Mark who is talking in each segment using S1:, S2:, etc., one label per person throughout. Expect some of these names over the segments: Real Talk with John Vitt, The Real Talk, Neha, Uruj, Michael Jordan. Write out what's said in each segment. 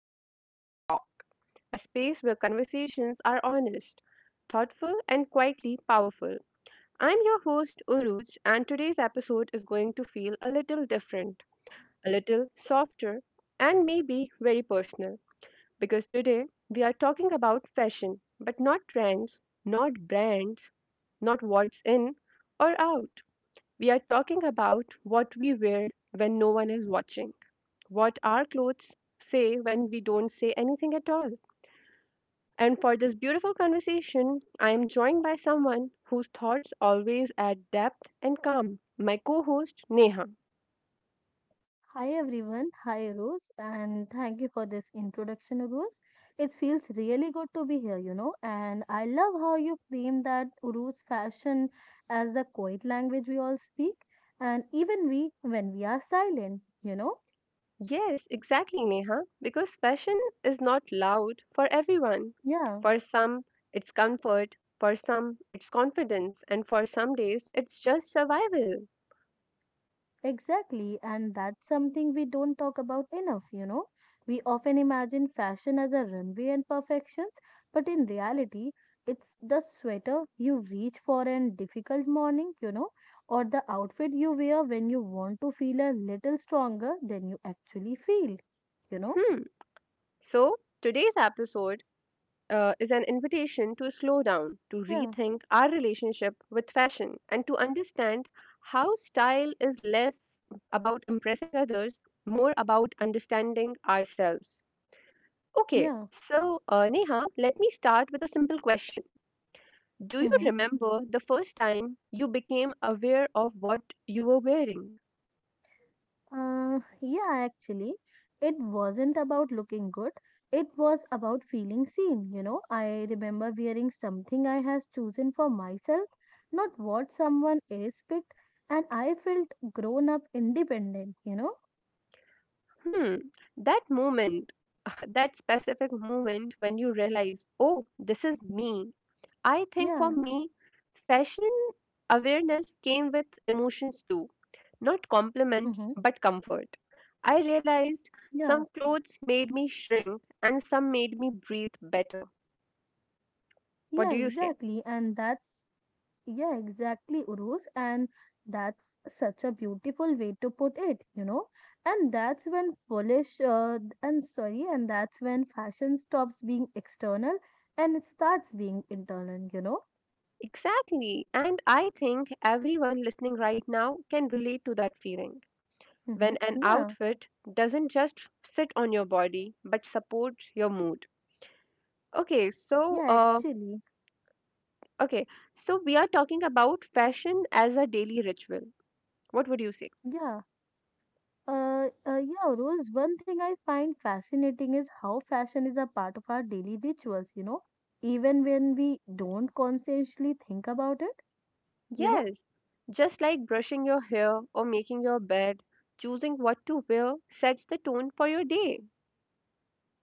S1: to The Real Talk, a space where conversations are honest, thoughtful, and quietly powerful. I'm your host, Uruj, and today's episode is going to feel a little different, a little softer, and maybe very personal because today we are talking about fashion, but not trends, not brands, not what's in or out. We are talking about what we wear when no one is watching, what our clothes say when we don't say anything at all. And for this beautiful conversation, I am joined by someone whose thoughts always add depth and calm, my co host, Neha.
S2: Hi everyone, hi Rose, and thank you for this introduction, Rose. It feels really good to be here, and I love how you frame that Rose fashion as the quiet language we all speak, and even we when we are silent, you know.
S1: Yes, exactly, Neha, because fashion is not loud for everyone.
S2: Yeah.
S1: For some, it's comfort, for some, it's confidence, and for some days, it's just survival.
S2: Exactly, and that's something we don't talk about enough, you know. We often imagine fashion as a runway and perfections, but in reality, it's the sweater you reach for in difficult morning, or the outfit you wear when you want to feel a little stronger than you actually feel, you know.
S1: Hmm. So, today's episode is an invitation to slow down, to
S2: Yeah,
S1: rethink our relationship with fashion, and to understand how style is less about impressing others, more about understanding ourselves. Okay,
S2: yeah.
S1: so Neha, let me start with a simple question. Do you
S2: hmm
S1: remember the first time you became aware of what you were wearing?
S2: Yeah, actually, it wasn't about looking good. It was about feeling seen, you know. I remember wearing something I has chosen for myself, not what someone else picked, and I felt grown up independent, you know.
S1: Hmm, that moment, that specific moment when you realize, oh, this is me. I think for
S2: Yeah.
S1: me, fashion awareness came with emotions too, not compliments,
S2: Mm-hmm.
S1: but comfort. I realized
S2: Yeah.
S1: some clothes made me shrink and some made me breathe better. What
S2: Yeah,
S1: do you say?
S2: exactly. And that's yeah, exactly, Urus. And that's such a beautiful way to put it, you know. And that's when fashion stops being external and it starts being internal, you know.
S1: Exactly. And I think everyone listening right now can relate to that feeling,
S2: Mm-hmm.
S1: when an
S2: Yeah,
S1: outfit doesn't just sit on your body but supports your mood. Okay, so
S2: yeah,
S1: uh,
S2: actually,
S1: okay, so we are talking about fashion as a daily ritual. What would you say?
S2: yeah. Yeah, Urus, one thing I find fascinating is how fashion is a part of our daily rituals, you know, even when we don't consciously think about it, you know.
S1: Yes, just like brushing your hair or making your bed, choosing what to wear sets the tone for your day,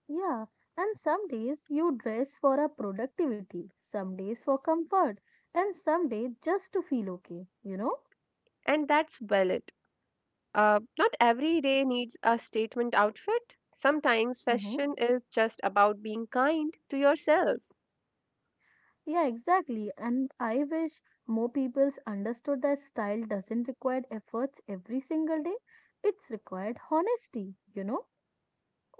S2: Yeah, and some days you dress for a productivity, some days for comfort, and some day just to feel okay, you know?
S1: and that's valid. Not every day needs a statement outfit. Sometimes
S2: Mm-hmm.
S1: fashion is just about being kind to yourself.
S2: Yeah, exactly. And I wish more peoples understood that style doesn't require efforts every single day. It's required honesty, you know?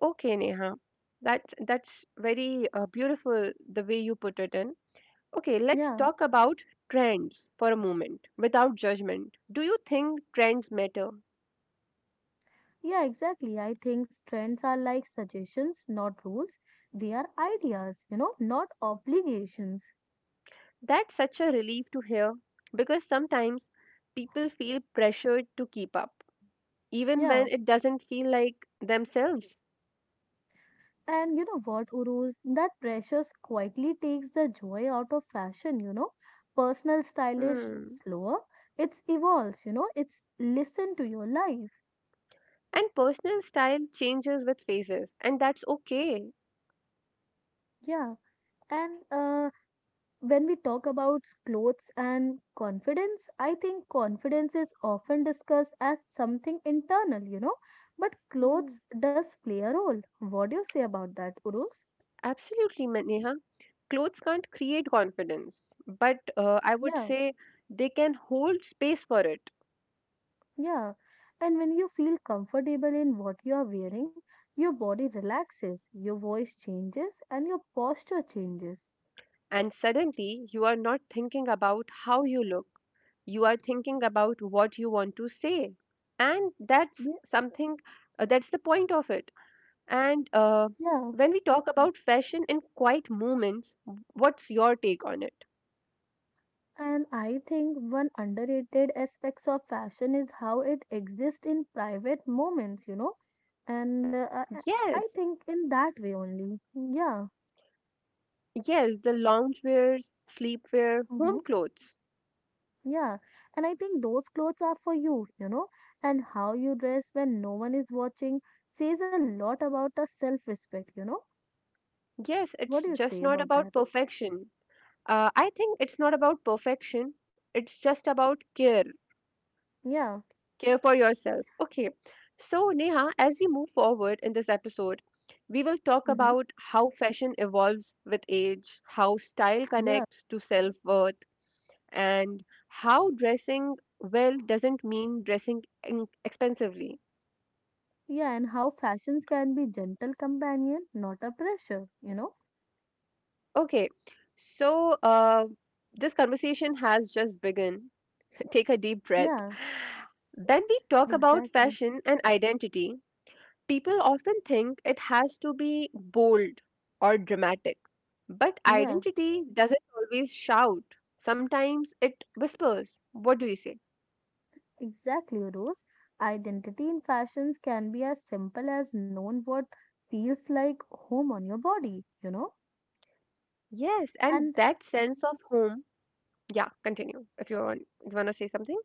S1: Okay, Neha. That's very beautiful the way you put it in. Okay, let's
S2: Yeah.
S1: talk about trends for a moment without judgment. Do you think trends matter?
S2: Yeah, exactly. I think trends are like suggestions, not rules. They are ideas, you know, not obligations.
S1: That's such a relief to hear because sometimes people feel pressured to keep up even when
S2: Yeah.
S1: it doesn't feel like themselves.
S2: And you know what, Uruz? That pressure quietly takes the joy out of fashion, you know. Personal stylish
S1: Hmm.
S2: slower. It's evolves, you know, it's listen to your life.
S1: And personal style changes with phases and that's okay.
S2: Yeah. And When we talk about clothes and confidence, I think confidence is often discussed as something internal, you know. But
S1: Hmm.
S2: clothes does play a role. What do you say about that, Uruz?
S1: Absolutely, Neha. Clothes can't create confidence, but I would
S2: Yeah.
S1: say they can hold space for it.
S2: Yeah, and when you feel comfortable in what you are wearing, your body relaxes, your voice changes, and your posture changes.
S1: And suddenly, you are not thinking about how you look, you are thinking about what you want to say. And that's
S2: Ye-
S1: something, that's the point of it. And
S2: Yeah,
S1: When we talk about fashion in quiet moments, what's your take on it?
S2: and I think one underrated aspects of fashion is how it exists in private moments, you know, and uh, I I- I
S1: Yes,
S2: think in that way only. Yeah,
S1: yes, the loungewears, sleepwear,
S2: hmm
S1: home clothes.
S2: yeah, and I think those clothes are for you, you know, and how you dress when no one is watching says a lot about a self-respect, you know.
S1: Yes,
S2: What
S1: it's
S2: do you
S1: just
S2: say
S1: not
S2: about that?
S1: about perfection. I think it's not about perfection. It's just about care,
S2: Yeah,
S1: care for yourself. Okay. So, Neha, as we move forward in this episode, we will talk
S2: hmm
S1: about how fashion evolves with age, how style
S2: yeah,
S1: connects to self worth, and how dressing well doesn't mean dressing in- expensively.
S2: yeah, and how fashions can be gentle companion, not a pressure, you know?
S1: Okay. So, this conversation has just begun, take a deep breath.
S2: Yeah,
S1: When we talk about
S2: exactly.
S1: fashion and identity, people often think it has to be bold or dramatic. But
S2: Yeah,
S1: identity doesn't always shout, sometimes it whispers. What do you say?
S2: exactly, Rose. Identity in fashions can be as simple as known what feels like home on your body, you know?
S1: Yes, and
S2: And
S1: that sense of home. Yeah, continue if you want, you want to say something.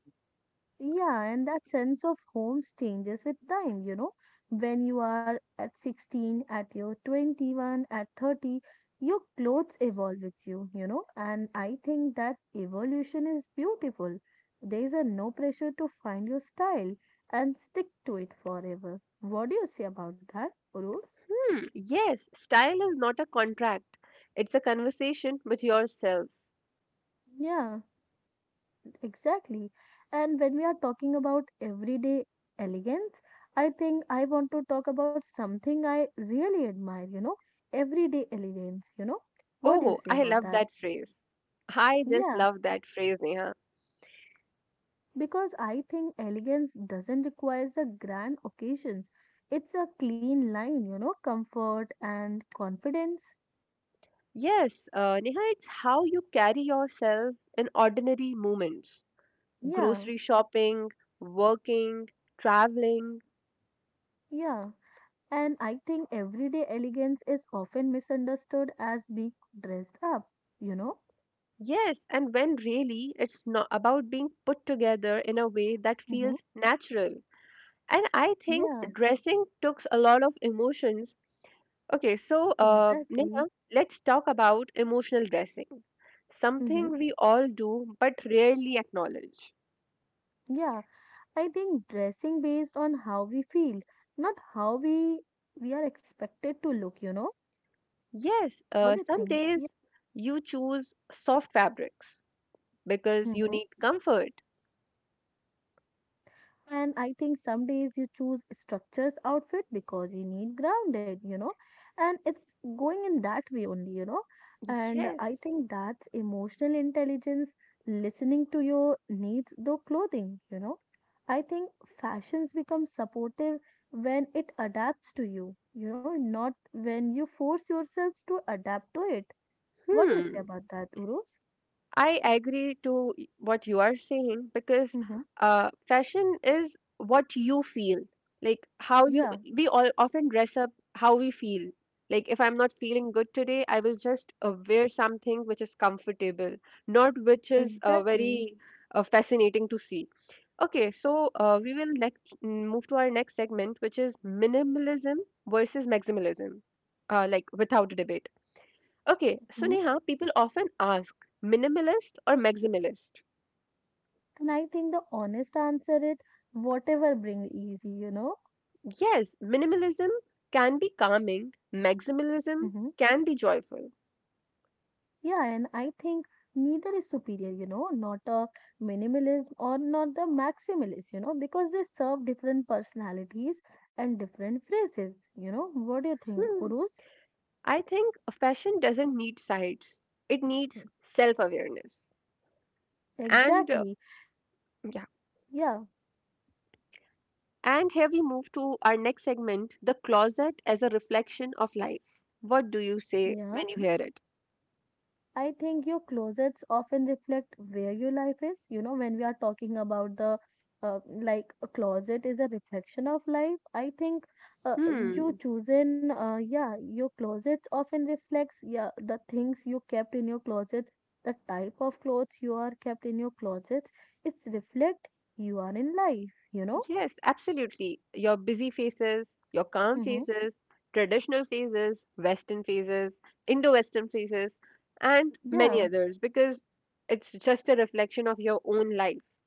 S2: yeah, and that sense of homes changes with time, you know. When you are at 16, at your 21, at 30, your clothes evolve with you, you know. And I think that evolution is beautiful. There is a no pressure to find your style and stick to it forever. What do you say about that, Rose?
S1: Hmm, yes, style is not a contract, it's a conversation with yourself.
S2: Yeah. Exactly. And when we are talking about everyday elegance, I think I want to talk about something I really admire, you know, everyday elegance, you know. What do you
S1: Oh,
S2: say
S1: I
S2: about
S1: love
S2: that?
S1: that phrase. I just
S2: Yeah,
S1: love that phrase, Neha.
S2: because I think elegance doesn't require the grand occasions. It's a clean line, you know, comfort and confidence.
S1: Yes, Neha, it's how you carry yourself in ordinary moments.
S2: Yeah,
S1: Grocery shopping, working, traveling.
S2: yeah. And I think everyday elegance is often misunderstood as being dressed up, you know.
S1: Yes, and when really it's not about being put together in a way that
S2: Mm-hmm.
S1: feels natural. And I think
S2: Yeah.
S1: dressing takes a lot of emotions. Okay, so
S2: Exactly.
S1: Neha, let's talk about emotional dressing,
S2: Hmm.
S1: something we all do but rarely acknowledge.
S2: Yeah, I think dressing based on how we feel, not how we are expected to look, you know?
S1: Yes,
S2: What do you
S1: some
S2: think? Yeah.
S1: days you choose soft fabrics because you
S2: Mhm.
S1: need comfort.
S2: And I think some days you choose structures outfit because you need grounded, you know, and it's going in that way only, you know. And I
S1: Yes.
S2: think that's emotional intelligence, listening to your needs though clothing, you know. I think fashions become supportive when it adapts to you, you know, not when you force yourselves to adapt to it. What do you say
S1: Hmm.
S2: about that, Urus?
S1: I agree to what you are saying because
S2: Mm-hmm.
S1: fashion is what you feel, like how you.
S2: Yeah,
S1: We all often dress up how we feel. Like if I'm not feeling good today, I will just wear something which is comfortable, not which is
S2: exactly.
S1: very fascinating to see. Okay, so we will next move to our next segment, which is minimalism versus maximalism, like without debate. Okay, so
S2: Mm-hmm.
S1: Neha, people often ask minimalist or maximalist.
S2: And I think the honest answer is whatever brings easy, you know.
S1: Yes, minimalism can be calming,
S2: Hmm.
S1: maximalism can be joyful.
S2: Yeah, and I think neither is superior, you know, not a minimalist or not the maximalist, you know, because they serve different personalities and different phrases, you know. What do you
S1: Hmm,
S2: think, Urus?
S1: I think fashion doesn't need sides, it needs self awareness. And uh,
S2: Exactly.
S1: yeah,
S2: Yeah,
S1: and here we move to our next segment, the closet as a reflection of life. What do you say
S2: yeah.
S1: when you hear it?
S2: I think your closets often reflect where your life is. You know, when we are talking about the like a closet is a reflection of life, I think
S1: Hmm.
S2: yeah, your closets often reflects, yeah, the things you kept in your closets, the type of clothes you are kept in your closets. It's reflect you are in life, you know?
S1: Yes, absolutely. Your busy phases, your calm
S2: Mm-hmm.
S1: phases, traditional phases, Western phases, Indo Western phases, and many
S2: Yeah,
S1: others because it's just a reflection of your own life.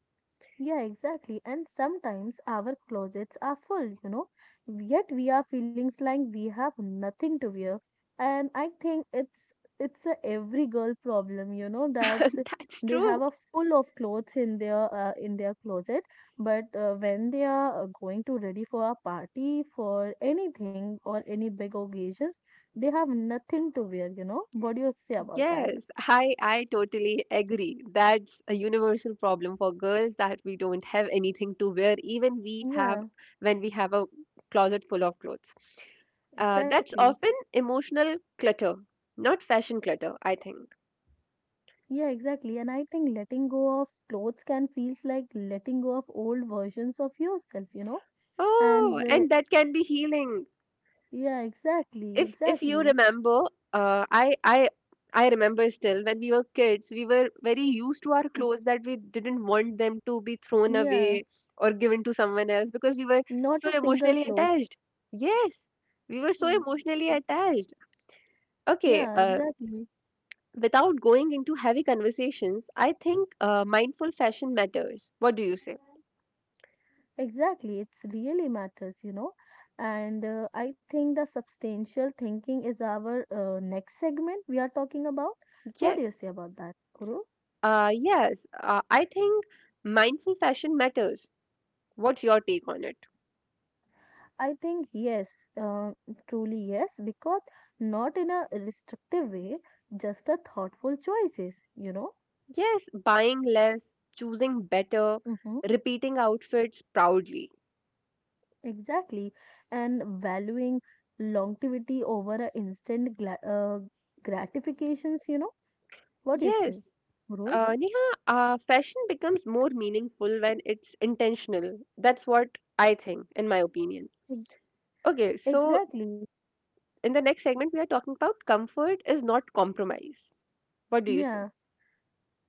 S2: Yeah, exactly. And sometimes our closets are full, you know, yet we are feelings like we have nothing to wear. And I think it's a every girl problem, you know, that's
S1: That's
S2: they
S1: true.
S2: have a full of clothes in their in their closet, but when they are going to ready for a party for anything or any big occasions, they have nothing to wear, you know. What do you say about that?
S1: Yes, I totally agree. That's a universal problem for girls that we don't have anything to wear, even we have
S2: Yeah,
S1: when we have a closet full of clothes. That's
S2: exactly.
S1: often emotional clutter, not fashion clutter, I think.
S2: Yeah, exactly. And I think letting go of clothes can feels like letting go of old versions of yourself, you know? And
S1: Oh, and that can be healing.
S2: Yeah, exactly,
S1: If you
S2: exactly.
S1: remember, uh, I I I remember still when we were kids, we were very used to our
S2: Mm.
S1: clothes that we didn't want them to be thrown
S2: Yeah,
S1: away or given to someone else because we were
S2: not
S1: so
S2: a single
S1: emotionally
S2: clothes.
S1: attached. Yes, we were so
S2: Mm.
S1: emotionally attached. Okay,
S2: Yeah, exactly.
S1: without going into heavy conversations, I think mindful fashion matters. What do you say?
S2: Exactly, it's really matters, you know. And I think the substantial thinking is our next segment we are talking about. What do
S1: Yes.
S2: you say about that, Guru?
S1: Yes, I think mindful fashion matters. What's your take on it?
S2: I think yes, uh, truly yes, because not in a restrictive way, just a thoughtful choices, you know.
S1: Yes, buying less, choosing better,
S2: Hmm.
S1: repeating outfits proudly.
S2: Exactly, and valuing longevity over a instant gla gratifications, you know. What do you say,
S1: Yes,
S2: Rose?
S1: Neha, fashion becomes more meaningful when it's intentional. That's what I think, in my opinion.
S2: Ex-
S1: Okay, so
S2: Exactly.
S1: in the next segment, we are talking about comfort is not compromise. What do you say?
S2: Yeah,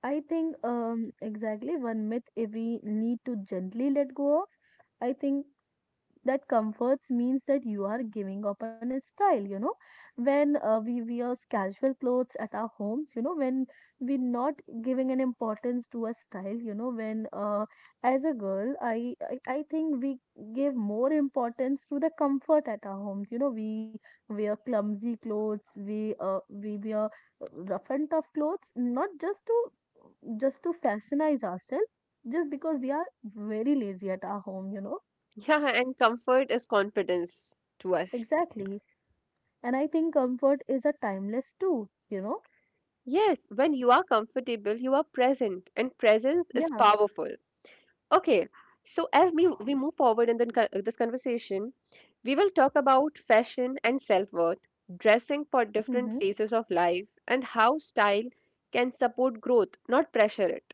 S2: I think exactly one myth if we need to gently let go of, I think that comforts means that you are giving up on a style, you know, when we wear casual clothes at our homes, you know, when we're not giving an importance to a style, you know, when as a girl, I think we give more importance to the comfort at our homes, you know, we wear clumsy clothes, we wear rough and tough clothes, not just to fashionize ourselves, just because we are very lazy at our home, you know.
S1: Yeah, and comfort is confidence to us.
S2: Exactly. And I think comfort is a timeless too, you know?
S1: Yes, when you are comfortable, you are present, and presence is
S2: Yeah.
S1: powerful. Okay, so as we move forward in this conversation, we will talk about fashion and self worth, dressing for different
S2: Mm-hmm.
S1: phases of life, and how style can support growth, not pressure it.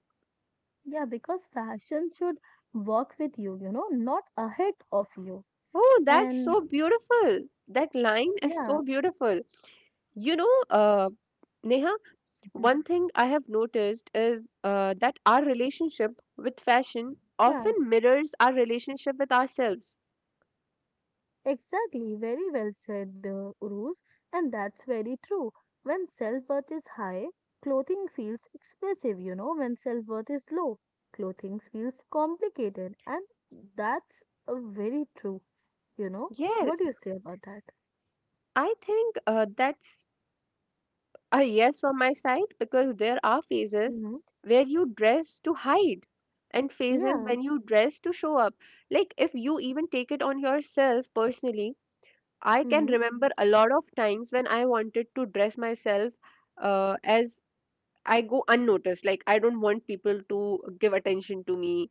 S2: Yeah, because fashion should work with you, you know, not ahead of you.
S1: Oh, that's
S2: And
S1: so beautiful. That line is
S2: yeah,
S1: so beautiful. You know, Neha,
S2: mhm,
S1: one thing I have noticed is that our relationship with fashion
S2: yeah,
S1: often mirrors our relationship with ourselves.
S2: exactly. Very well said, Uruz. And that's very true. When self-worth is high, clothing feels expressive, you know. When self-worth is low, clothing feels complicated. And that's very true, you know. What
S1: Yes,
S2: do you say about that?
S1: I think that's a yes from my side because there are phases
S2: Mm-hmm.
S1: where you dress to hide and phases
S2: Yeah.
S1: when you dress to show up. Like if you even take it on yourself personally, I can
S2: Mm-hmm.
S1: remember a lot of times when I wanted to dress myself as I go unnoticed. Like I don't want people to give attention to me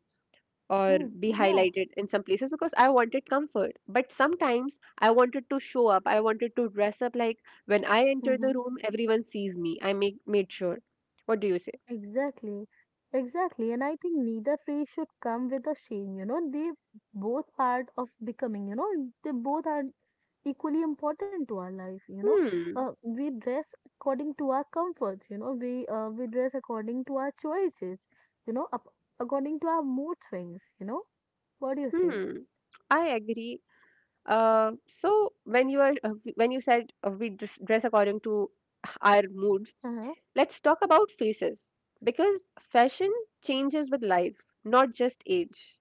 S1: or
S2: Mm,
S1: be
S2: yeah,
S1: highlighted in some places because I wanted comfort. But sometimes I wanted to show up. I wanted to dress up like when I enter
S2: hmm
S1: the room, everyone sees me. I make made sure. What do you say?
S2: Exactly. Exactly. And I think neither phase should come with a shame, you know. They both part of becoming, you know, they both are equally important to our life, you know.
S1: Hmm.
S2: We dress according to our comforts, you know, we dress according to our choices, you know, up according to our mood swings, you know. What do you say?
S1: Hmm. I agree. So when you are when you said dress according to our moods,
S2: Uh-huh.
S1: let's talk about faces because fashion changes with life, not just age.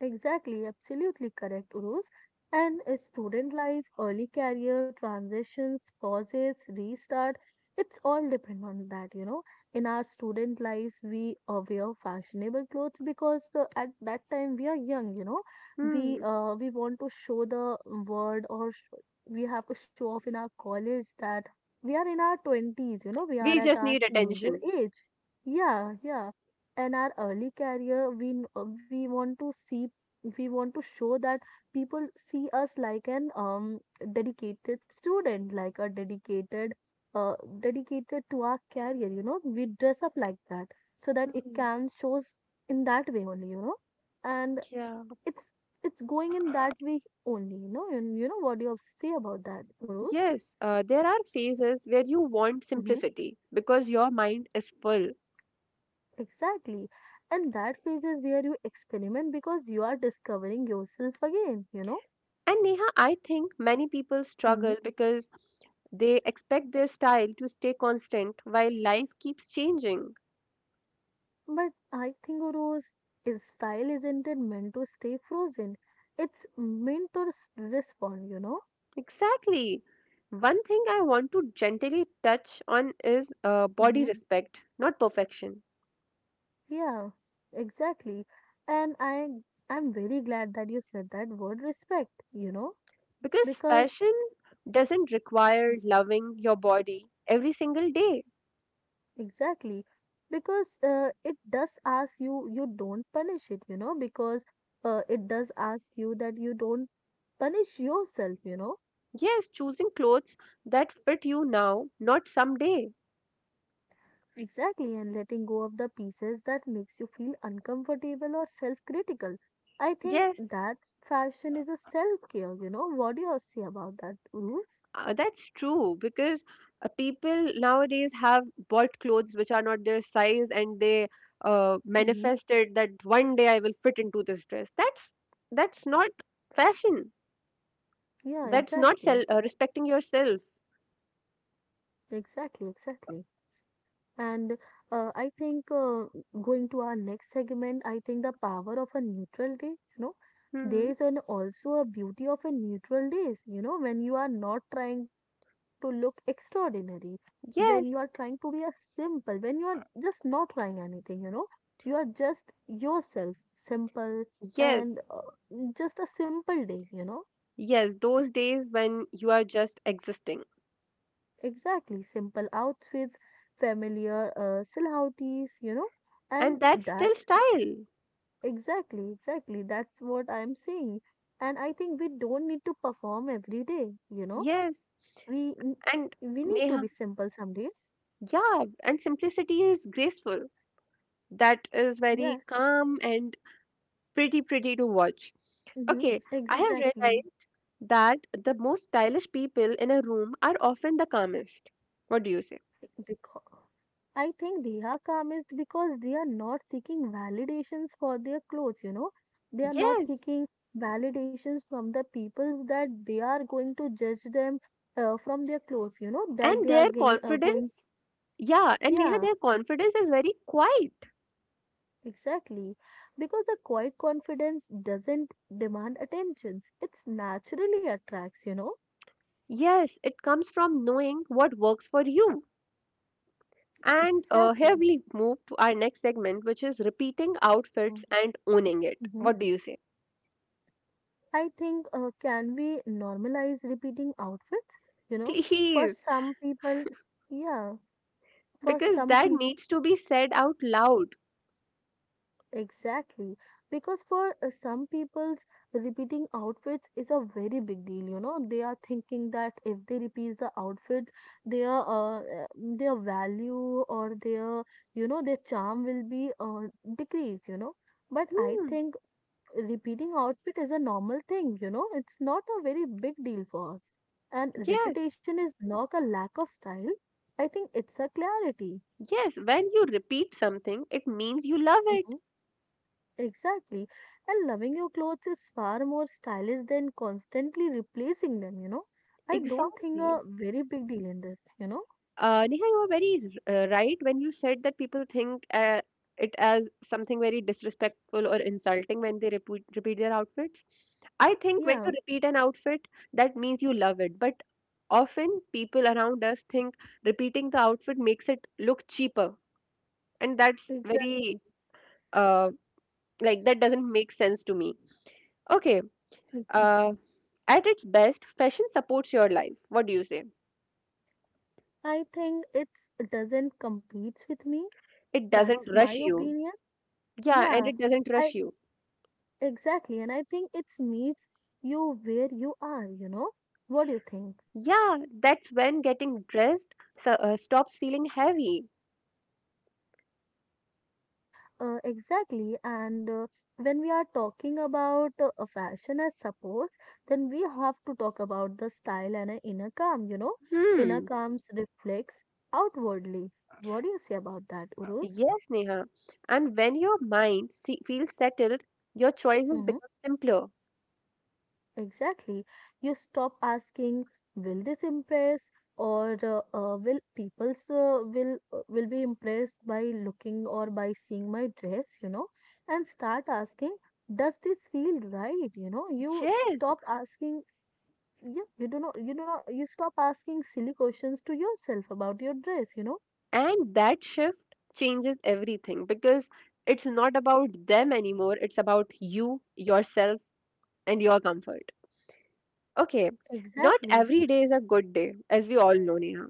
S2: Exactly, absolutely correct, Uruz. And Student life, early career, transitions, pauses, restart, it's all depend on that, you know. In our student lives, we wear fashionable clothes because at that time we are young, you know.
S1: Hmm.
S2: We want to show the world or we have to show off in our college that we are in our 20s, you know, we are
S1: We
S2: at
S1: just
S2: our
S1: need
S2: teenager
S1: attention.
S2: age. Yeah, and our early career we want to see if we want to show that people see us like an dedicated student, like a dedicated uh dedicated to our career, you know, we dress up like that so that it
S1: Hmm.
S2: can shows in that way only, you know. And
S1: Yeah.
S2: it's it's going in that way only, you know. And you know what do you have to say about that, Guru's?
S1: Yes, there are phases where you want
S2: Hmm.
S1: simplicity because your mind is full.
S2: Exactly, and that phase is where you experiment because you are discovering yourself again, you know.
S1: And Neha, I think many people
S2: Hmm.
S1: struggle because they expect their style to stay constant while life keeps changing.
S2: But I think Rose is style isn't it meant to stay frozen. It's meant to respond, you know?
S1: Exactly. One thing I want to gently touch on is body
S2: Hmm.
S1: respect, not perfection.
S2: Yeah, exactly. And I'm very glad that you said that word respect, you know?
S1: Because
S2: Because
S1: fashion doesn't require loving your body every single day.
S2: exactly. Because it does ask you you don't punish it, you know, because it does ask you that you don't punish yourself, you know?
S1: Yes, choosing clothes that fit you now, not someday.
S2: Exactly, and letting go of the pieces that makes you feel uncomfortable or self-critical. I think
S1: Yes,
S2: that fashion is a self-care, you know. What do you say about that, Ruth?
S1: that's true because people nowadays have bought clothes which are not their size and they
S2: Hmm.
S1: manifested that one day I will fit into this dress. That's not fashion.
S2: Yeah,
S1: That's not
S2: exactly.
S1: self respecting yourself.
S2: Exactly, exactly. And I think going to our next segment, I think the power of a neutral day,
S1: Hmm.
S2: there is an also a beauty of a neutral days, when you are not trying to look extraordinary, when you are trying
S1: Yes,
S2: to be a simple, when you are just not trying anything, you are just yourself, simple and
S1: yes,
S2: just a simple day,
S1: yes. Those days when you are just existing,
S2: exactly simple outfits, familiar silhouettes, you know and
S1: and that's still
S2: that's
S1: style.
S2: Exactly, exactly. That's what I'm saying. And I think we don't need to perform every day.
S1: Yes,
S2: We n-
S1: and
S2: we need to be
S1: Neha,
S2: simple some days.
S1: yeah, and simplicity is graceful. That is very
S2: Yeah.
S1: calm and pretty pretty to watch.
S2: Mm-hmm.
S1: Okay, I have
S2: Exactly.
S1: realized that the most stylish people in a room are often the calmest. What do you say?
S2: Because I think they are calmest because they are not seeking validations for their clothes. They are not
S1: Yes,
S2: seeking validations from the people that they are going to judge them from their clothes, that
S1: and
S2: they are
S1: their
S2: going,
S1: confidence, yeah, and Neha,
S2: yeah.
S1: their confidence is very quiet.
S2: Exactly, because a quiet confidence doesn't demand attentions. It's naturally attracts.
S1: Yes, it comes from knowing what works for you. And Here
S2: Exactly.
S1: we move to our next segment, which is repeating outfits
S2: Mm,
S1: and owning it.
S2: mhm.
S1: What do you say?
S2: I think can we normalize repeating outfits? You know, for
S1: Please,
S2: some people, yeah, for
S1: because
S2: some
S1: that
S2: people.
S1: needs to be said out loud.
S2: Exactly, because for some people's repeating outfits is a very big deal. You know, they are thinking that if they repeat the outfits, their uh, uh, their value or their you know their charm will be decreased. You know, but I
S1: Hmm,
S2: think repeating outfit is a normal thing. You know, it's not a very big deal for us. And
S1: yes.
S2: repetition is not a lack of style. I think it's a clarity.
S1: Yes, when you repeat something, it means you love it.
S2: Exactly. And loving your clothes is far more stylish than constantly replacing them. I don't think a
S1: Exactly.
S2: very big deal in this.
S1: Neha, you are very right when you said that people think it as something very disrespectful or insulting when they repeat their outfits. I think when you
S2: Yeah,
S1: repeat an outfit, that means you love it. But often people around us think repeating the outfit makes it look cheaper. And that's
S2: exactly.
S1: very, uh, like, that doesn't make sense to me. Okay.
S2: Exactly.
S1: uh, At its best, fashion supports your life. What do you say?
S2: I think it's doesn't competes with me.
S1: It doesn't
S2: That's my
S1: rush you.
S2: opinion.
S1: Yeah, and
S2: Yeah,
S1: it doesn't
S2: I
S1: rush you.
S2: exactly. And I think it's meets you where you are, What do you think?
S1: Yeah, that's when getting dressed stops feeling heavy.
S2: Exactly. And when we are talking about a fashion as suppose, then we have to talk about the style and a inner calm. Inner
S1: Hmm.
S2: calms reflects outwardly. What do you say about that, Urus?
S1: Yes, Neha. And when your mind see, feels settled, your choices become simpler.
S2: Exactly. You stop asking, will this impress, or will people's will be impressed by looking or by seeing my dress, and start asking, does this feel right? You
S1: Yes.
S2: stop asking. Yeah, you do not. You do not. You stop asking silly questions to yourself about your dress.
S1: And that shift changes everything because it's not about them anymore. It's about you, yourself, and your comfort. Okay. Not
S2: Exactly.
S1: every day is a good day, as we all know, Neha.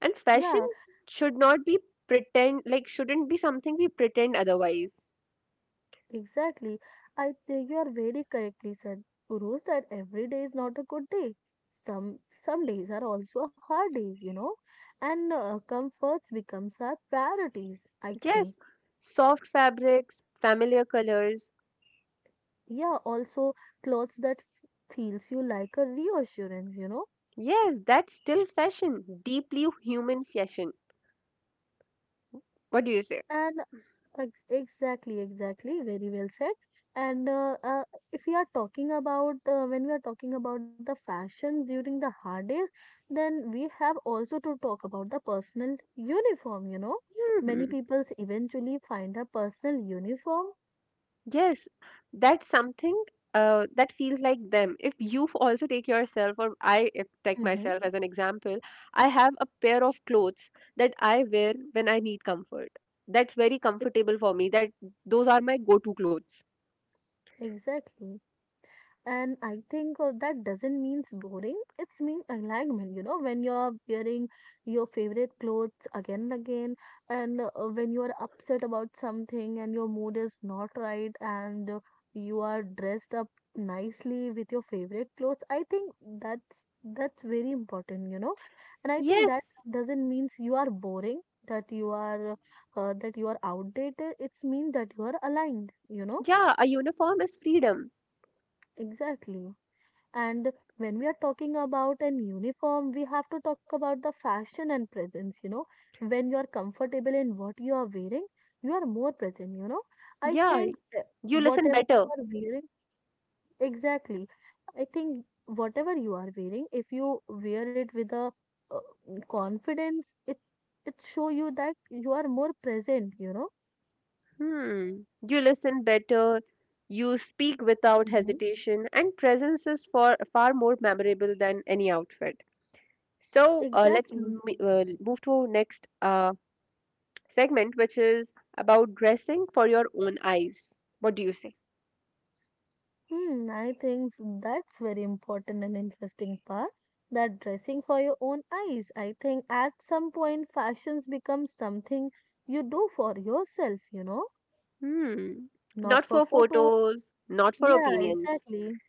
S1: And fashion
S2: Yeah,
S1: should not be pretend, like, shouldn't be something we pretend otherwise.
S2: exactly. I think you are very correctly said, Urus, that every day is not a good day. Some days are also hard days, and comforts becomes our priorities. I think,
S1: Yes, soft fabrics, familiar colors.
S2: yeah. Also, clothes that feels you like a reassurance, you know,
S1: Yes, that's still fashion, deeply human fashion. What do you say?
S2: and Exactly, exactly. Very well said. And if we are talking about when we are talking about the fashion during the hard days, then we have also to talk about the personal uniform. You know, many
S1: Hmm
S2: people eventually find a personal uniform.
S1: Yes, that's something that feels like them. If you also take yourself, or I if, take
S2: Mm-hmm.
S1: myself as an example, I have a pair of clothes that I wear when I need comfort. That's very comfortable for me. That Those are my go-to clothes.
S2: Exactly. And I think that doesn't mean boring. It's mean alignment, when you're wearing your favorite clothes again and again, and when you're upset about something and your mood is not right, and you are dressed up nicely with your favorite clothes. I think that's very important, And I think that
S1: Yes.
S2: doesn't means you are boring, that you are outdated. It's mean that you are aligned,
S1: Yeah, a uniform is freedom.
S2: Exactly. And when we are talking about an uniform, we have to talk about the fashion and presence, When you are comfortable in what you are wearing, you are more present, I
S1: Yeah,
S2: think
S1: you listen
S2: whatever
S1: better.
S2: you are wearing, exactly. I think whatever you are wearing, if you wear it with a uh, confidence, it show you that you are more present,
S1: Hmm. You listen better. You speak without
S2: Hmm.
S1: hesitation, and presence is for far more memorable than any outfit. So uh, let's m-
S2: Exactly.
S1: uh, move to next segment, which is about dressing for your own eyes. What do you say?
S2: Hmm, I think that's very important and interesting part. That dressing for your own eyes. I think at some point fashions become something you do for yourself,
S1: Hmm. Not
S2: not for
S1: for
S2: photo.
S1: photos, not for
S2: Yeah,
S1: opinions.
S2: exactly.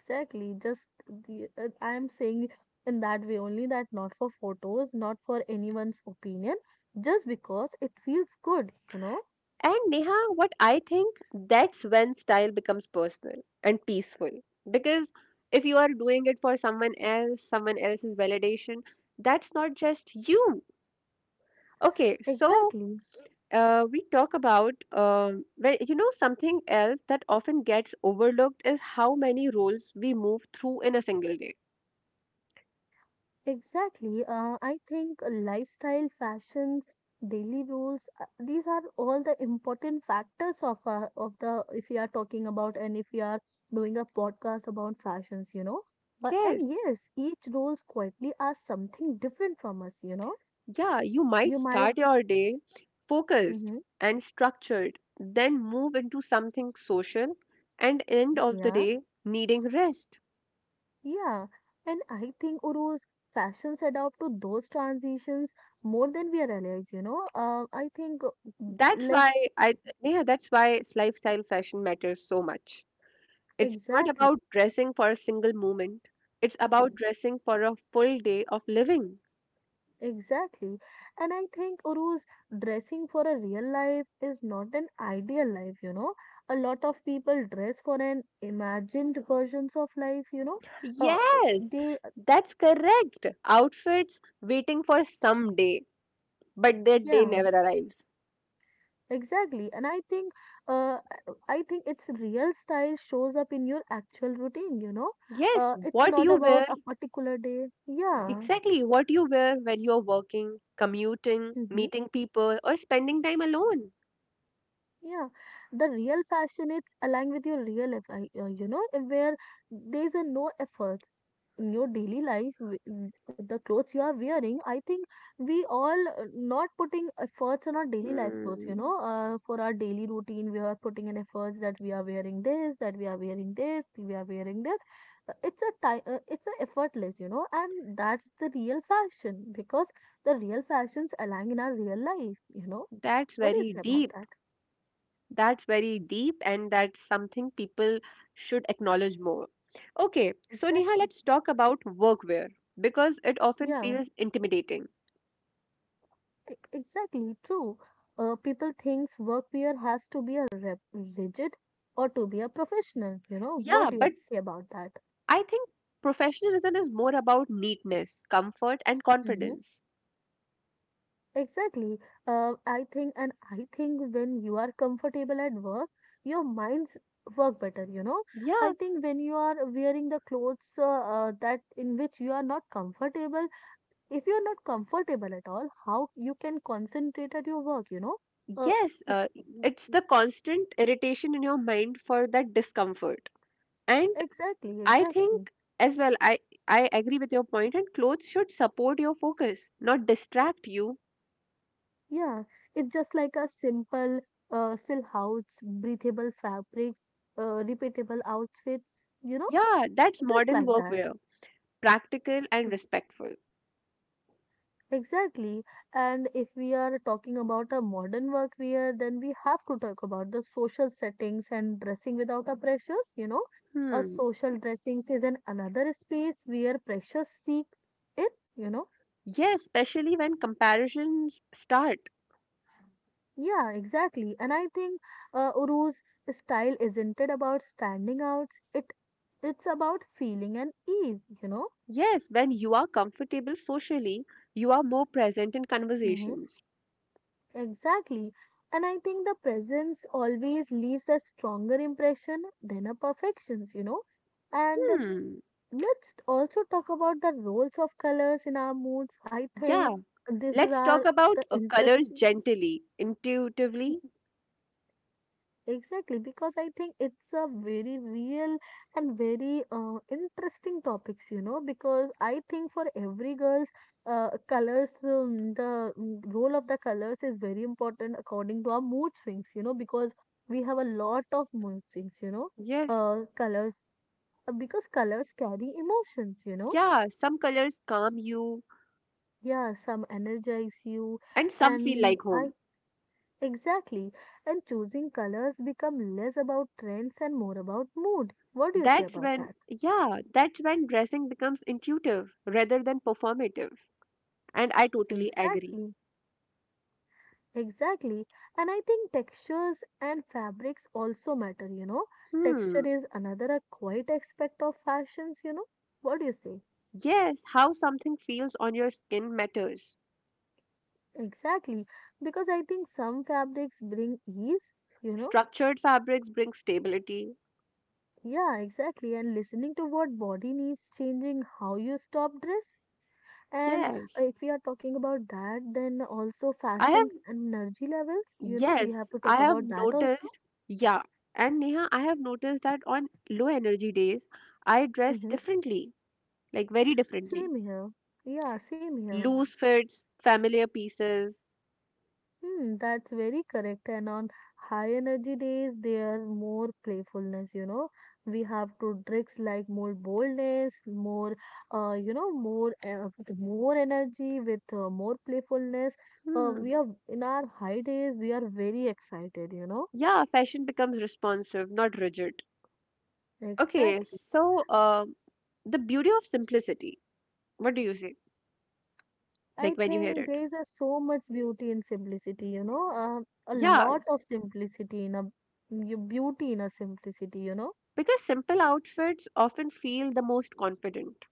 S2: Exactly. I'm saying in that way only that not for photos, not for anyone's opinion, just because it feels good,
S1: And Neha, what I think, that's when style becomes personal and peaceful. Because if you are doing it for someone else, someone else's validation, that's not just you. Okay, so
S2: Exactly.
S1: we talk about, something else that often gets overlooked is how many roles we move through in a single day.
S2: Exactly. I think lifestyle, fashions, daily rules, these are all the important factors of our, of the if we are talking about and if we are doing a podcast about fashions, And
S1: Yes.
S2: yes, each roles quietly are something different from us, you know.
S1: Yeah, you might
S2: You might,
S1: start your day focused
S2: hmm,
S1: and structured, then move into something social, and end of the
S2: yeah,
S1: day needing rest.
S2: yeah. And I think Uruz, fashions adapt to those transitions more than we realize, I think
S1: That's
S2: like
S1: why I yeah, that's why lifestyle fashion matters so much. It's not
S2: exactly.
S1: about dressing for a single moment. It's about dressing for a full day of living.
S2: Exactly. And I think, Uruz, dressing for a real life is not an ideal life, A lot of people dress for an imagined versions of life, Uh,
S1: Yes,
S2: they,
S1: that's correct. Outfits waiting for some day, but that day
S2: yeah,
S1: never arrives.
S2: exactly. And uh, I think its real style shows up in your actual routine,
S1: Yes,
S2: It's
S1: what
S2: not
S1: you wear,
S2: about a particular day. Yeah.
S1: exactly what you wear when you're working, commuting,
S2: Hmm.
S1: meeting people, or spending time alone.
S2: Yeah, the real fashion it's aligned with your real life, where there's a no efforts in your daily life. The clothes you are wearing, I think we all not putting efforts on our daily life clothes,
S1: Hmm.
S2: for our daily routine, we are putting an efforts that we are wearing this, that we are wearing this, we are wearing this. It's a effortless, and that's the real fashion because the real fashions align in our real life,
S1: That's
S2: What do you
S1: very
S2: say about
S1: deep.
S2: that?
S1: That's very deep, and that's something people should acknowledge more. Okay, so Neha,
S2: Exactly.
S1: let's talk about workwear because it often
S2: Yeah,
S1: feels intimidating.
S2: exactly. True. People thinks workwear has to be a rigid or to be a professional. What
S1: Yeah,
S2: do you have
S1: but
S2: to say about that?
S1: I think professionalism is more about neatness, comfort, and
S2: Mm-hmm.
S1: confidence.
S2: Exactly. I think, and I think when you are comfortable at work, your minds work better, I
S1: Yeah,
S2: think when you are wearing the clothes that in which you are not comfortable, if you are not comfortable at all, how you can concentrate at your work? Uh,
S1: yes,
S2: if
S1: it's the constant irritation in your mind for that discomfort. And
S2: Exactly,
S1: I
S2: exactly.
S1: think as well, I agree with your point, and clothes should support your focus, not distract you.
S2: Yeah, it's just like a simple silhouettes, breathable fabrics, repeatable outfits,
S1: Yeah, that's
S2: just
S1: modern
S2: like that.
S1: workwear, practical and
S2: Ex-
S1: respectful.
S2: exactly. And if we are talking about a modern workwear, then we have to talk about the social settings and dressing without a pressures, A
S1: Hmm.
S2: social dressing is an another space where pressure seeks it, you know
S1: Yes, especially when comparisons start.
S2: Yeah, exactly. And I think Uru's style isn't it about standing out. It it's about feeling and ease,
S1: Yes, when you are comfortable socially, you are more present in
S2: Hmm.
S1: conversations.
S2: Exactly. And I think the presence always leaves a stronger impression than a perfections? And
S1: Hmm.
S2: let's also talk about the roles of colors in our moods. I think
S1: Yeah.
S2: this is
S1: Let's
S2: our
S1: talk
S2: the
S1: about colors
S2: interesting.
S1: gently, intuitively.
S2: Exactly, because I think it's a very real and very interesting topics, because I think for every girls, colors, the role of the colors is very important according to our mood swings, because we have a lot of mood swings,
S1: Yes.
S2: colors, because colors carry emotions,
S1: Yeah, some colors calm you,
S2: Yeah, some energize you,
S1: and some feel
S2: and
S1: like
S2: I
S1: home.
S2: exactly. And choosing colors become less about trends and more about mood. What do you say
S1: That's
S2: about
S1: when,
S2: that?
S1: yeah, that's when dressing becomes intuitive rather than performative. And I totally agree.
S2: Exactly. Exactly. And I think textures and fabrics also matter, Texture
S1: Hmm,
S2: is another a quite aspect of fashions, What do you say?
S1: yes, how something feels on your skin matters.
S2: Exactly. Because I think some fabrics bring ease, you know.
S1: Structured fabrics bring stability.
S2: Yeah, exactly. And listening to what body needs, changing how you stop dress. And
S1: Yes.
S2: if we are talking about that, then also
S1: I have,
S2: fashions and energy levels, we have
S1: yes,
S2: to
S1: I
S2: talk
S1: have
S2: about that also.
S1: noticed, yeah. And Neha, I have noticed that on low energy days, I dress
S2: Mm-hmm.
S1: differently, like very differently.
S2: Same here. Yeah, same here.
S1: Loose fits, familiar pieces.
S2: Hmm, that's very correct. And on high energy days, there more playfulness, We have to tricks like more boldness, more, more, with more energy with more playfulness. We
S1: Hmm.
S2: are in our high days, we are very excited,
S1: Yeah, fashion becomes responsive, not rigid. Okay,
S2: Exactly.
S1: so the beauty of simplicity. What do you say?
S2: I
S1: Like when you hear
S2: think
S1: it?
S2: there is a so much beauty in simplicity, a
S1: Yeah,
S2: lot of simplicity in a you beauty in a simplicity,
S1: because simple outfits often feel the most confident.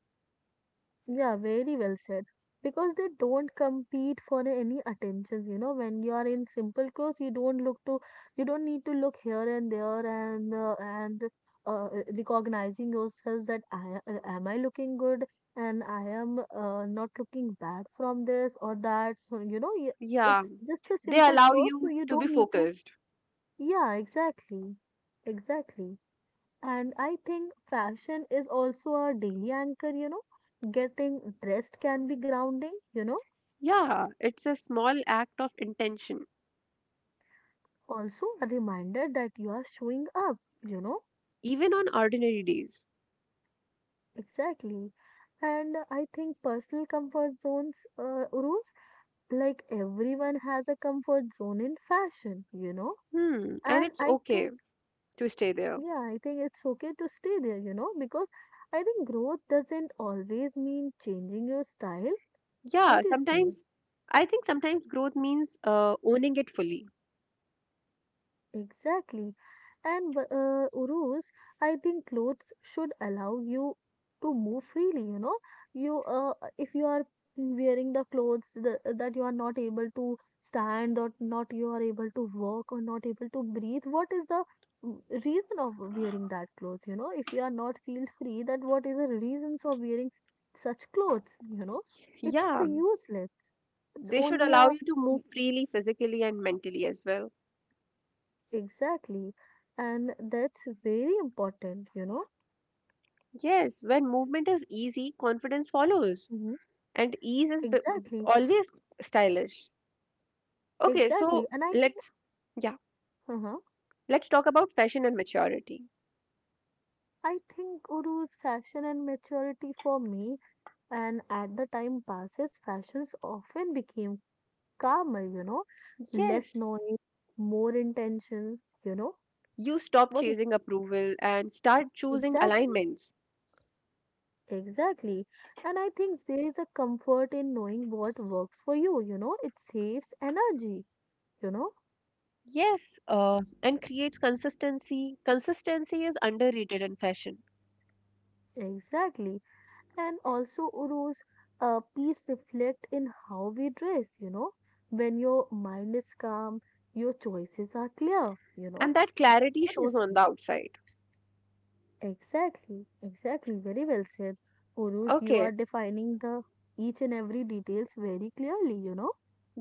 S2: Yeah, very well said. Because they don't compete for any attentions, When you are in simple clothes, you don't look to, you don't need to look here and there and uh, recognizing yourself that I am I looking good and I am not looking bad from this or that. So
S1: Yeah,
S2: it's just a
S1: they
S2: simple
S1: allow
S2: clothes, so
S1: you
S2: you
S1: to
S2: don't
S1: be
S2: need to.
S1: focused.
S2: Yeah, exactly, exactly. And I think fashion is also a daily anchor, Getting dressed can be grounding,
S1: Yeah, it's a small act of intention,
S2: Also, a reminder that you are showing up, you know.
S1: even on ordinary days.
S2: Exactly. And I think personal comfort zones, rules, like everyone has a comfort zone in fashion, you know.
S1: Hmm, and
S2: And
S1: it's
S2: I think,
S1: okay to stay there.
S2: yeah, I think it's okay to stay there, you know, because I think growth doesn't always mean changing your style. What
S1: Yeah,
S2: do you say?
S1: sometimes I think sometimes growth means owning it fully.
S2: Exactly. And Urus, I think clothes should allow you to move freely, you know. You If you are wearing the clothes the, that you are not able to stand or not you are able to walk or not able to breathe, what is the reason of wearing that clothes, you know? If you are not feel free, that what is the reasons of wearing such clothes, you know? It's a
S1: Yeah,
S2: useless. It's
S1: they should
S2: only
S1: allow
S2: a
S1: you to move freely physically and mentally as well.
S2: exactly. And that's very important, you know.
S1: Yes, when movement is easy, confidence follows,
S2: Mm-hmm.
S1: and ease is
S2: Exactly,
S1: always stylish. Okay,
S2: exactly.
S1: so
S2: And I think,
S1: let's, yeah,
S2: uh-huh,
S1: let's talk about fashion and maturity.
S2: I think Uru's fashion and maturity for me, and at the time passes, fashions often became calmer, you know, less
S1: Yes,
S2: noise, more intentions, you know.
S1: you stop
S2: What
S1: chasing approval and start choosing
S2: exactly,
S1: alignments.
S2: exactly. And I think there is a comfort in knowing what works for you, it saves energy, you know.
S1: Yes, and creates consistency. Consistency is underrated in fashion,
S2: Exactly. And also, Uru's, peace reflect in how we dress, you know. When your mind is calm, your choices are clear, you know.
S1: and that clarity
S2: What do you
S1: shows on the
S2: see?
S1: outside.
S2: Exactly, exactly. Very well said. Urus, you
S1: Okay,
S2: are defining the each and every details very clearly, you know.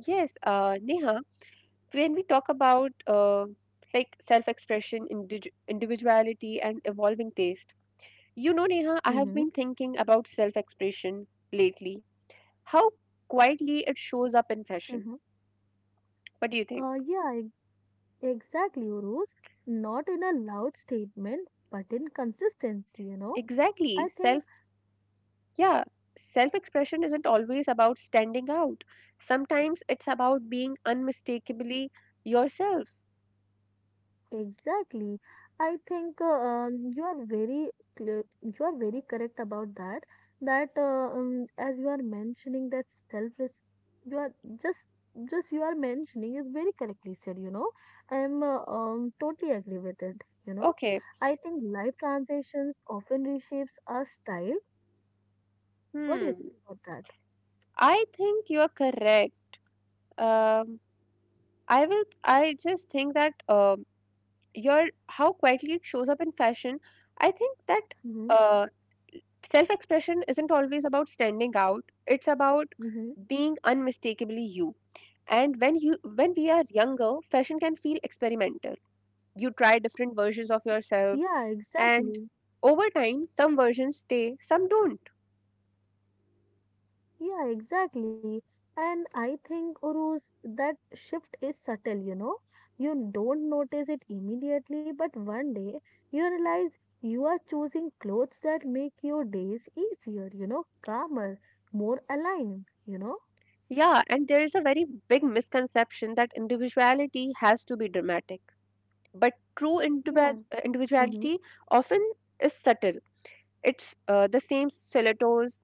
S1: yes, Neha, when we talk about like self-expression, individuality, and evolving taste, you know, Neha, I have
S2: Mm-hmm.
S1: been thinking about self-expression lately. How quietly it shows up in fashion.
S2: Mm-hmm.
S1: What do you think?
S2: Yeah, exactly, Urus. Not in a loud statement, but in consistency, you know.
S1: Exactly,
S2: I
S1: self.
S2: think
S1: Yeah, self-expression isn't always about standing out. Sometimes it's about being unmistakably yourself.
S2: exactly. I think you are very clear, you are very correct about that. That as you are mentioning that self res you are just just you are mentioning is very correctly said. You know, I am totally agree with it. You know,
S1: Okay.
S2: I think life transitions often reshapes our style. What do you
S1: Hmm.
S2: think about that?
S1: I think you're correct. Um, I will. I just think that your how quietly it shows up in fashion. I think that
S2: Mm-hmm.
S1: uh, self-expression isn't always about standing out. It's about
S2: Mm-hmm.
S1: being unmistakably you. And when we are younger, fashion can feel experimental. You try different versions of yourself,
S2: Yeah,
S1: and
S2: exactly.
S1: over time, some versions stay, some don't.
S2: Yeah, exactly. And I think, Uruz, that shift is subtle, you know. You don't notice it immediately, but one day you realize you are choosing clothes that make your days easier, you know, calmer, more aligned, you know.
S1: Yeah, and there is a very big misconception that individuality has to be dramatic, but true
S2: Yeah. Mm-hmm.
S1: individuality often is subtle. It's the same stilettos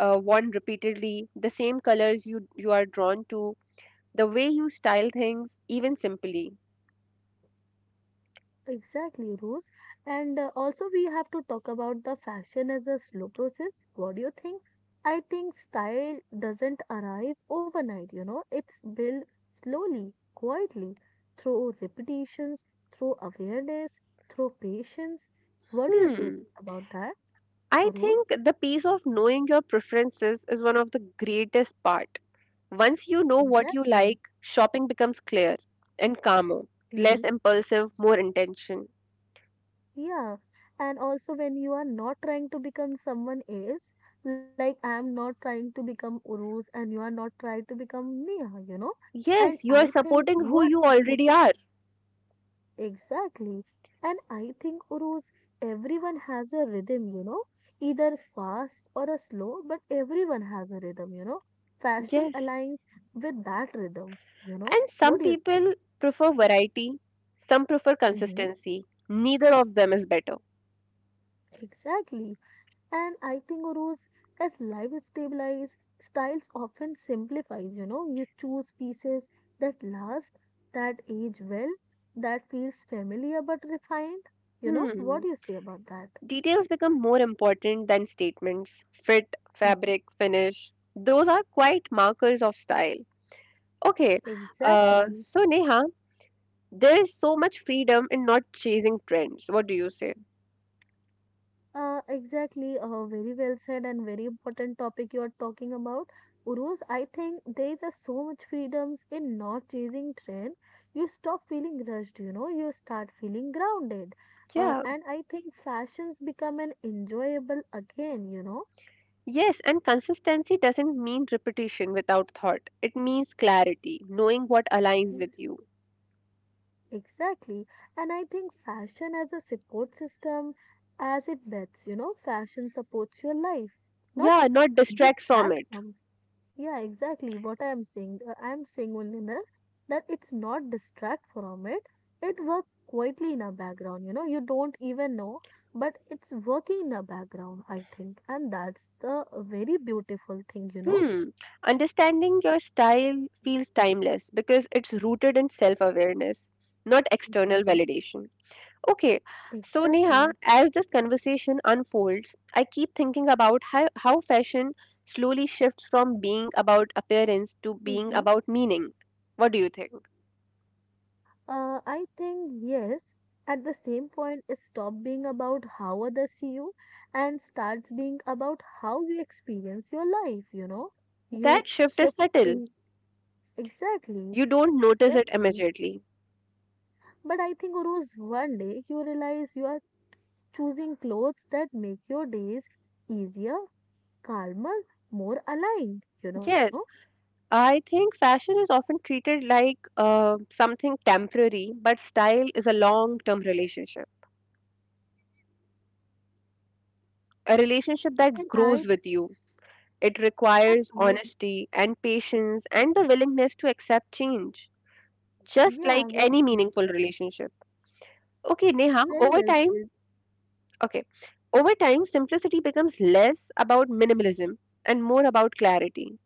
S1: worn repeatedly, the same colors you are drawn to, the way you style things, even simply.
S2: Exactly, Rose. And also, we have to talk about the fashion as a slow process. What do you think? I think style doesn't arrive overnight, you know, it's built slowly, quietly, through repetitions, through awareness, through patience. What do you say
S1: Hmm.
S2: about that,
S1: I
S2: Rose?
S1: think the piece of knowing your preferences is one of the greatest part. Once you know what you
S2: Exactly.
S1: like, shopping becomes clear and calmer,
S2: Mm-hmm.
S1: less impulsive, more intention.
S2: Yeah, and also when you are not trying to become someone else, like I'm not trying to become Urus, and you are not trying to become Neha, you know.
S1: Yes,
S2: And
S1: you are
S2: I think
S1: supporting who
S2: you
S1: you
S2: are
S1: already
S2: support
S1: are.
S2: exactly. And I think Urus, everyone has a rhythm, you know, either fast or a slow, but everyone has a rhythm, you know. Fashion
S1: Yes.
S2: aligns with that rhythm, you know.
S1: And
S2: What
S1: some
S2: do you say?
S1: people prefer variety, some prefer
S2: Hmm.
S1: consistency. Neither of them is better.
S2: Exactly. And I think, Uruz, as life stabilizes, styles often simplifies, you know, you choose pieces that last, that age well, that feels familiar but refined. You know, what
S1: Hmm.
S2: do you say about that?
S1: Details become more important than statements. Fit,
S2: Mhm.
S1: fabric, finish. Those are quite markers of style. Okay,
S2: Exactly.
S1: so Neha, there is so much freedom in not chasing trends. What do you say?
S2: Exactly. Very well said and very important topic you are talking about. Uruz, I think there is a so much freedoms in not chasing trend. You stop feeling rushed, you know, you start feeling grounded.
S1: Yeah,
S2: And I think fashions become an enjoyable again, you know.
S1: yes, and consistency doesn't mean repetition without thought. It means clarity, knowing what aligns
S2: Mm.
S1: with you.
S2: Exactly. And I think fashion as a support system, as it bets, you know, fashion supports your life, not
S1: Yeah, not distract from
S2: distract
S1: it.
S2: from yeah, exactly what I'm saying. I'm saying only that it's not distract from it. It works quietly in a background, you know, you don't even know, but it's working in a background, I think. And that's the very beautiful thing, you know.
S1: Hmm. Understanding your style feels timeless because it's rooted in self awareness, not external
S2: Hmm.
S1: validation. Okay, so Neha,
S2: Exactly.
S1: as this conversation unfolds, I keep thinking about how fashion slowly shifts from being about appearance to being
S2: Hmm.
S1: about meaning. What do you think?
S2: I think, yes, at the same point, it stopped being about how others see you and starts being about how you experience your life, you know.
S1: That
S2: You
S1: shift is
S2: shift
S1: subtle.
S2: in exactly,
S1: You don't notice it
S2: exactly.
S1: immediately.
S2: But I think, Uruz, one day you realize you are choosing clothes that make your days easier, calmer, more aligned, you know?
S1: Yes, I think fashion is often treated like something temporary, but style is a long term relationship, a relationship that
S2: And I,
S1: grows with you. It
S2: and
S1: requires
S2: I,
S1: honesty and patience and the willingness to accept change, just
S2: yeah,
S1: like
S2: well,
S1: any
S2: said,
S1: meaningful relationship. Okay, Neha,
S2: very well said.
S1: okay, over time, simplicity becomes less about minimalism and more about clarity.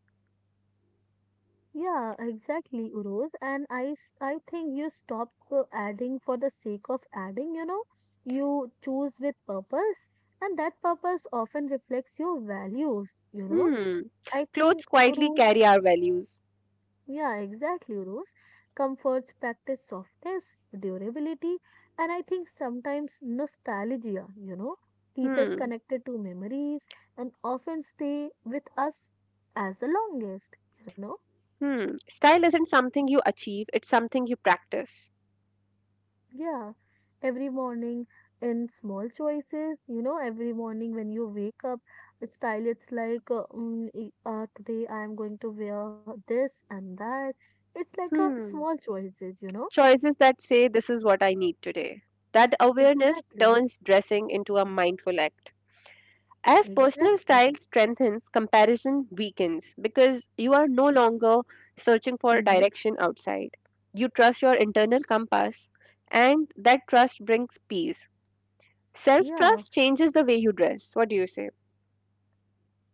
S2: Yeah, exactly, Uruz. I think you stop adding for the sake of adding, you know? You choose with purpose, and that purpose often reflects your values, you know?
S1: Hmm,
S2: I
S1: clothes
S2: think,
S1: quietly
S2: Uruz,
S1: carry our values.
S2: yeah, exactly, Rose. Comforts practice softness, durability, and I think sometimes nostalgia, you know, pieces
S1: Hmm,
S2: connected to memories and often stay with us as the longest, you know.
S1: hmm, style isn't something you achieve, it's something you practice.
S2: Yeah, every morning in small choices, you know, every morning when you wake up, the style it's like, today I am going to wear this and that. It's like a small
S1: Hmm.
S2: choices, you know.
S1: Choices that say, this is what I need today. That awareness
S2: Exactly,
S1: turns dressing into a mindful act. As personal
S2: exactly.
S1: style strengthens, comparison weakens because you are no longer searching for
S2: Mm-hmm.
S1: direction outside. You trust your internal compass, and that trust brings peace. Self
S2: Yeah,
S1: trust changes the way you dress. What do you say?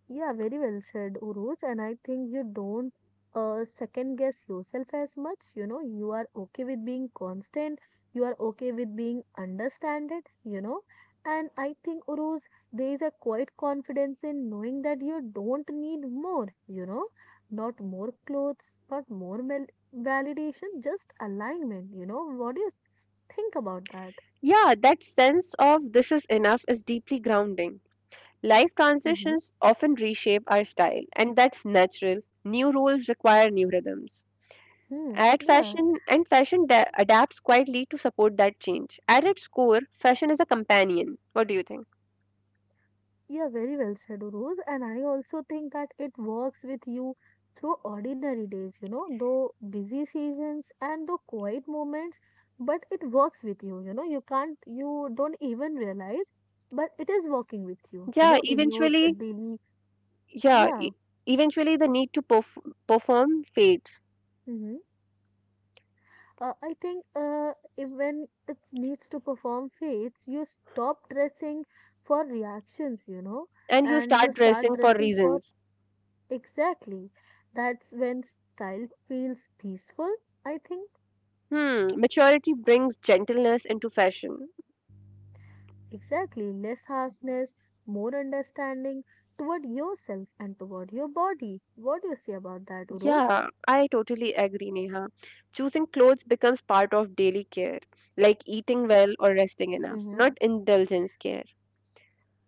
S2: yeah, very well said, Uruj. And I think you don't second guess yourself as much. You know, you are okay with being constant, you are okay with being understanded, you know. And I think, Uruj, there is a quiet confidence in knowing that you don't need more, you know, not more clothes, not more mel validation, just alignment, you know. What do you think about that?
S1: Yeah, that sense of this is enough is deeply grounding. Life
S2: Mm-hmm.
S1: transitions often reshape our style, and that's natural. New roles require new rhythms.
S2: Hmm.
S1: Ad
S2: Yeah.
S1: fashion, and fashion adapts quietly to support that change. At its core, fashion is a companion. What do you think?
S2: Yeah, very well said, Uruz. And I also think that it works with you through ordinary days, you know, though busy seasons and though quiet moments, but it works with you, you know, you can't, you don't even realize, but it is working with you, you
S1: Yeah,
S2: know, in your daily,
S1: yeah,
S2: yeah.
S1: eventually the need to perform fades,
S2: Hmm. I think if when it needs to perform faiths, you stop dressing for reactions, you know,
S1: and you
S2: and you
S1: start
S2: start
S1: dressing for
S2: dressing for
S1: reasons.
S2: exactly. That's when style feels peaceful, I think.
S1: Hmm, maturity brings gentleness into fashion.
S2: Exactly. Less harshness, more understanding toward yourself and toward your body. What do you say about that, Uruz?
S1: Yeah, I totally agree, Neha. Choosing clothes becomes part of daily care, like eating well or resting enough,
S2: Mm-hmm.
S1: not indulgence care.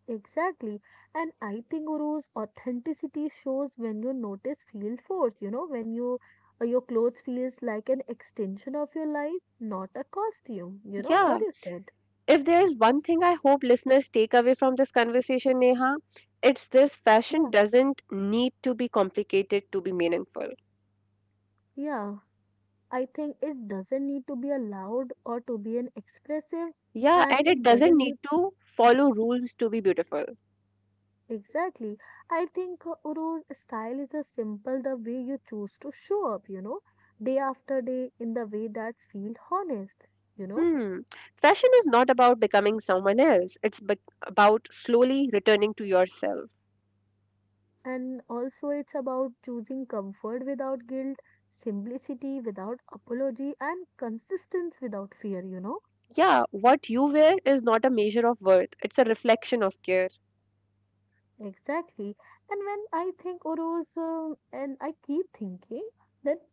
S2: Exactly. And I think Uru's authenticity shows when you notice feel force, you know, when you your clothes feels like an extension of your life, not a costume. You know
S1: Yeah,
S2: what you said?
S1: if there's one thing I hope listeners take away from this conversation, Neha, it's this: fashion
S2: Yeah.
S1: doesn't need to be complicated to be meaningful.
S2: Yeah. I think it doesn't need to be a loud or to be an expressive,
S1: Yeah,
S2: and
S1: and it
S2: it
S1: doesn't
S2: doesn't
S1: need
S2: need
S1: to follow rules to be beautiful.
S2: exactly. I think Uru's style is a simple the way you choose to show up, you know, day after day in the way that's feel honest, you know.
S1: Hmm. Fashion is not about becoming someone else, about slowly returning to yourself.
S2: And also, it's about choosing comfort without guilt, simplicity without apology, and consistency without fear, you know.
S1: Yeah, what you wear is not a measure of worth, it's a reflection of care.
S2: Exactly. And when I think Uru's, and I keep thinking that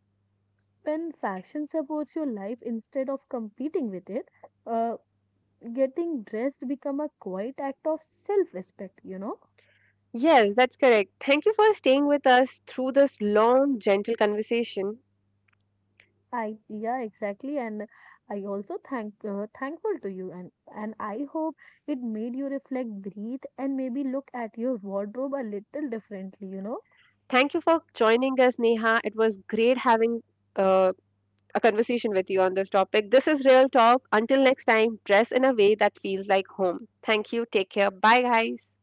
S2: when fashion supports your life instead of competing with it uh, getting dressed become a quiet act of self respect, you know.
S1: Yes, that's correct. Thank you for staying with us through this long, gentle conversation.
S2: I yeah, exactly, and I also thank thankful to you and I hope it made you reflect breathe and maybe look at your wardrobe a little differently, you know.
S1: Thank you for joining us, Neha. It was great having uh, a conversation with you on this topic. This is Real Talk. Until next time, dress in a way that feels like home. Thank you. Take care. Bye, guys.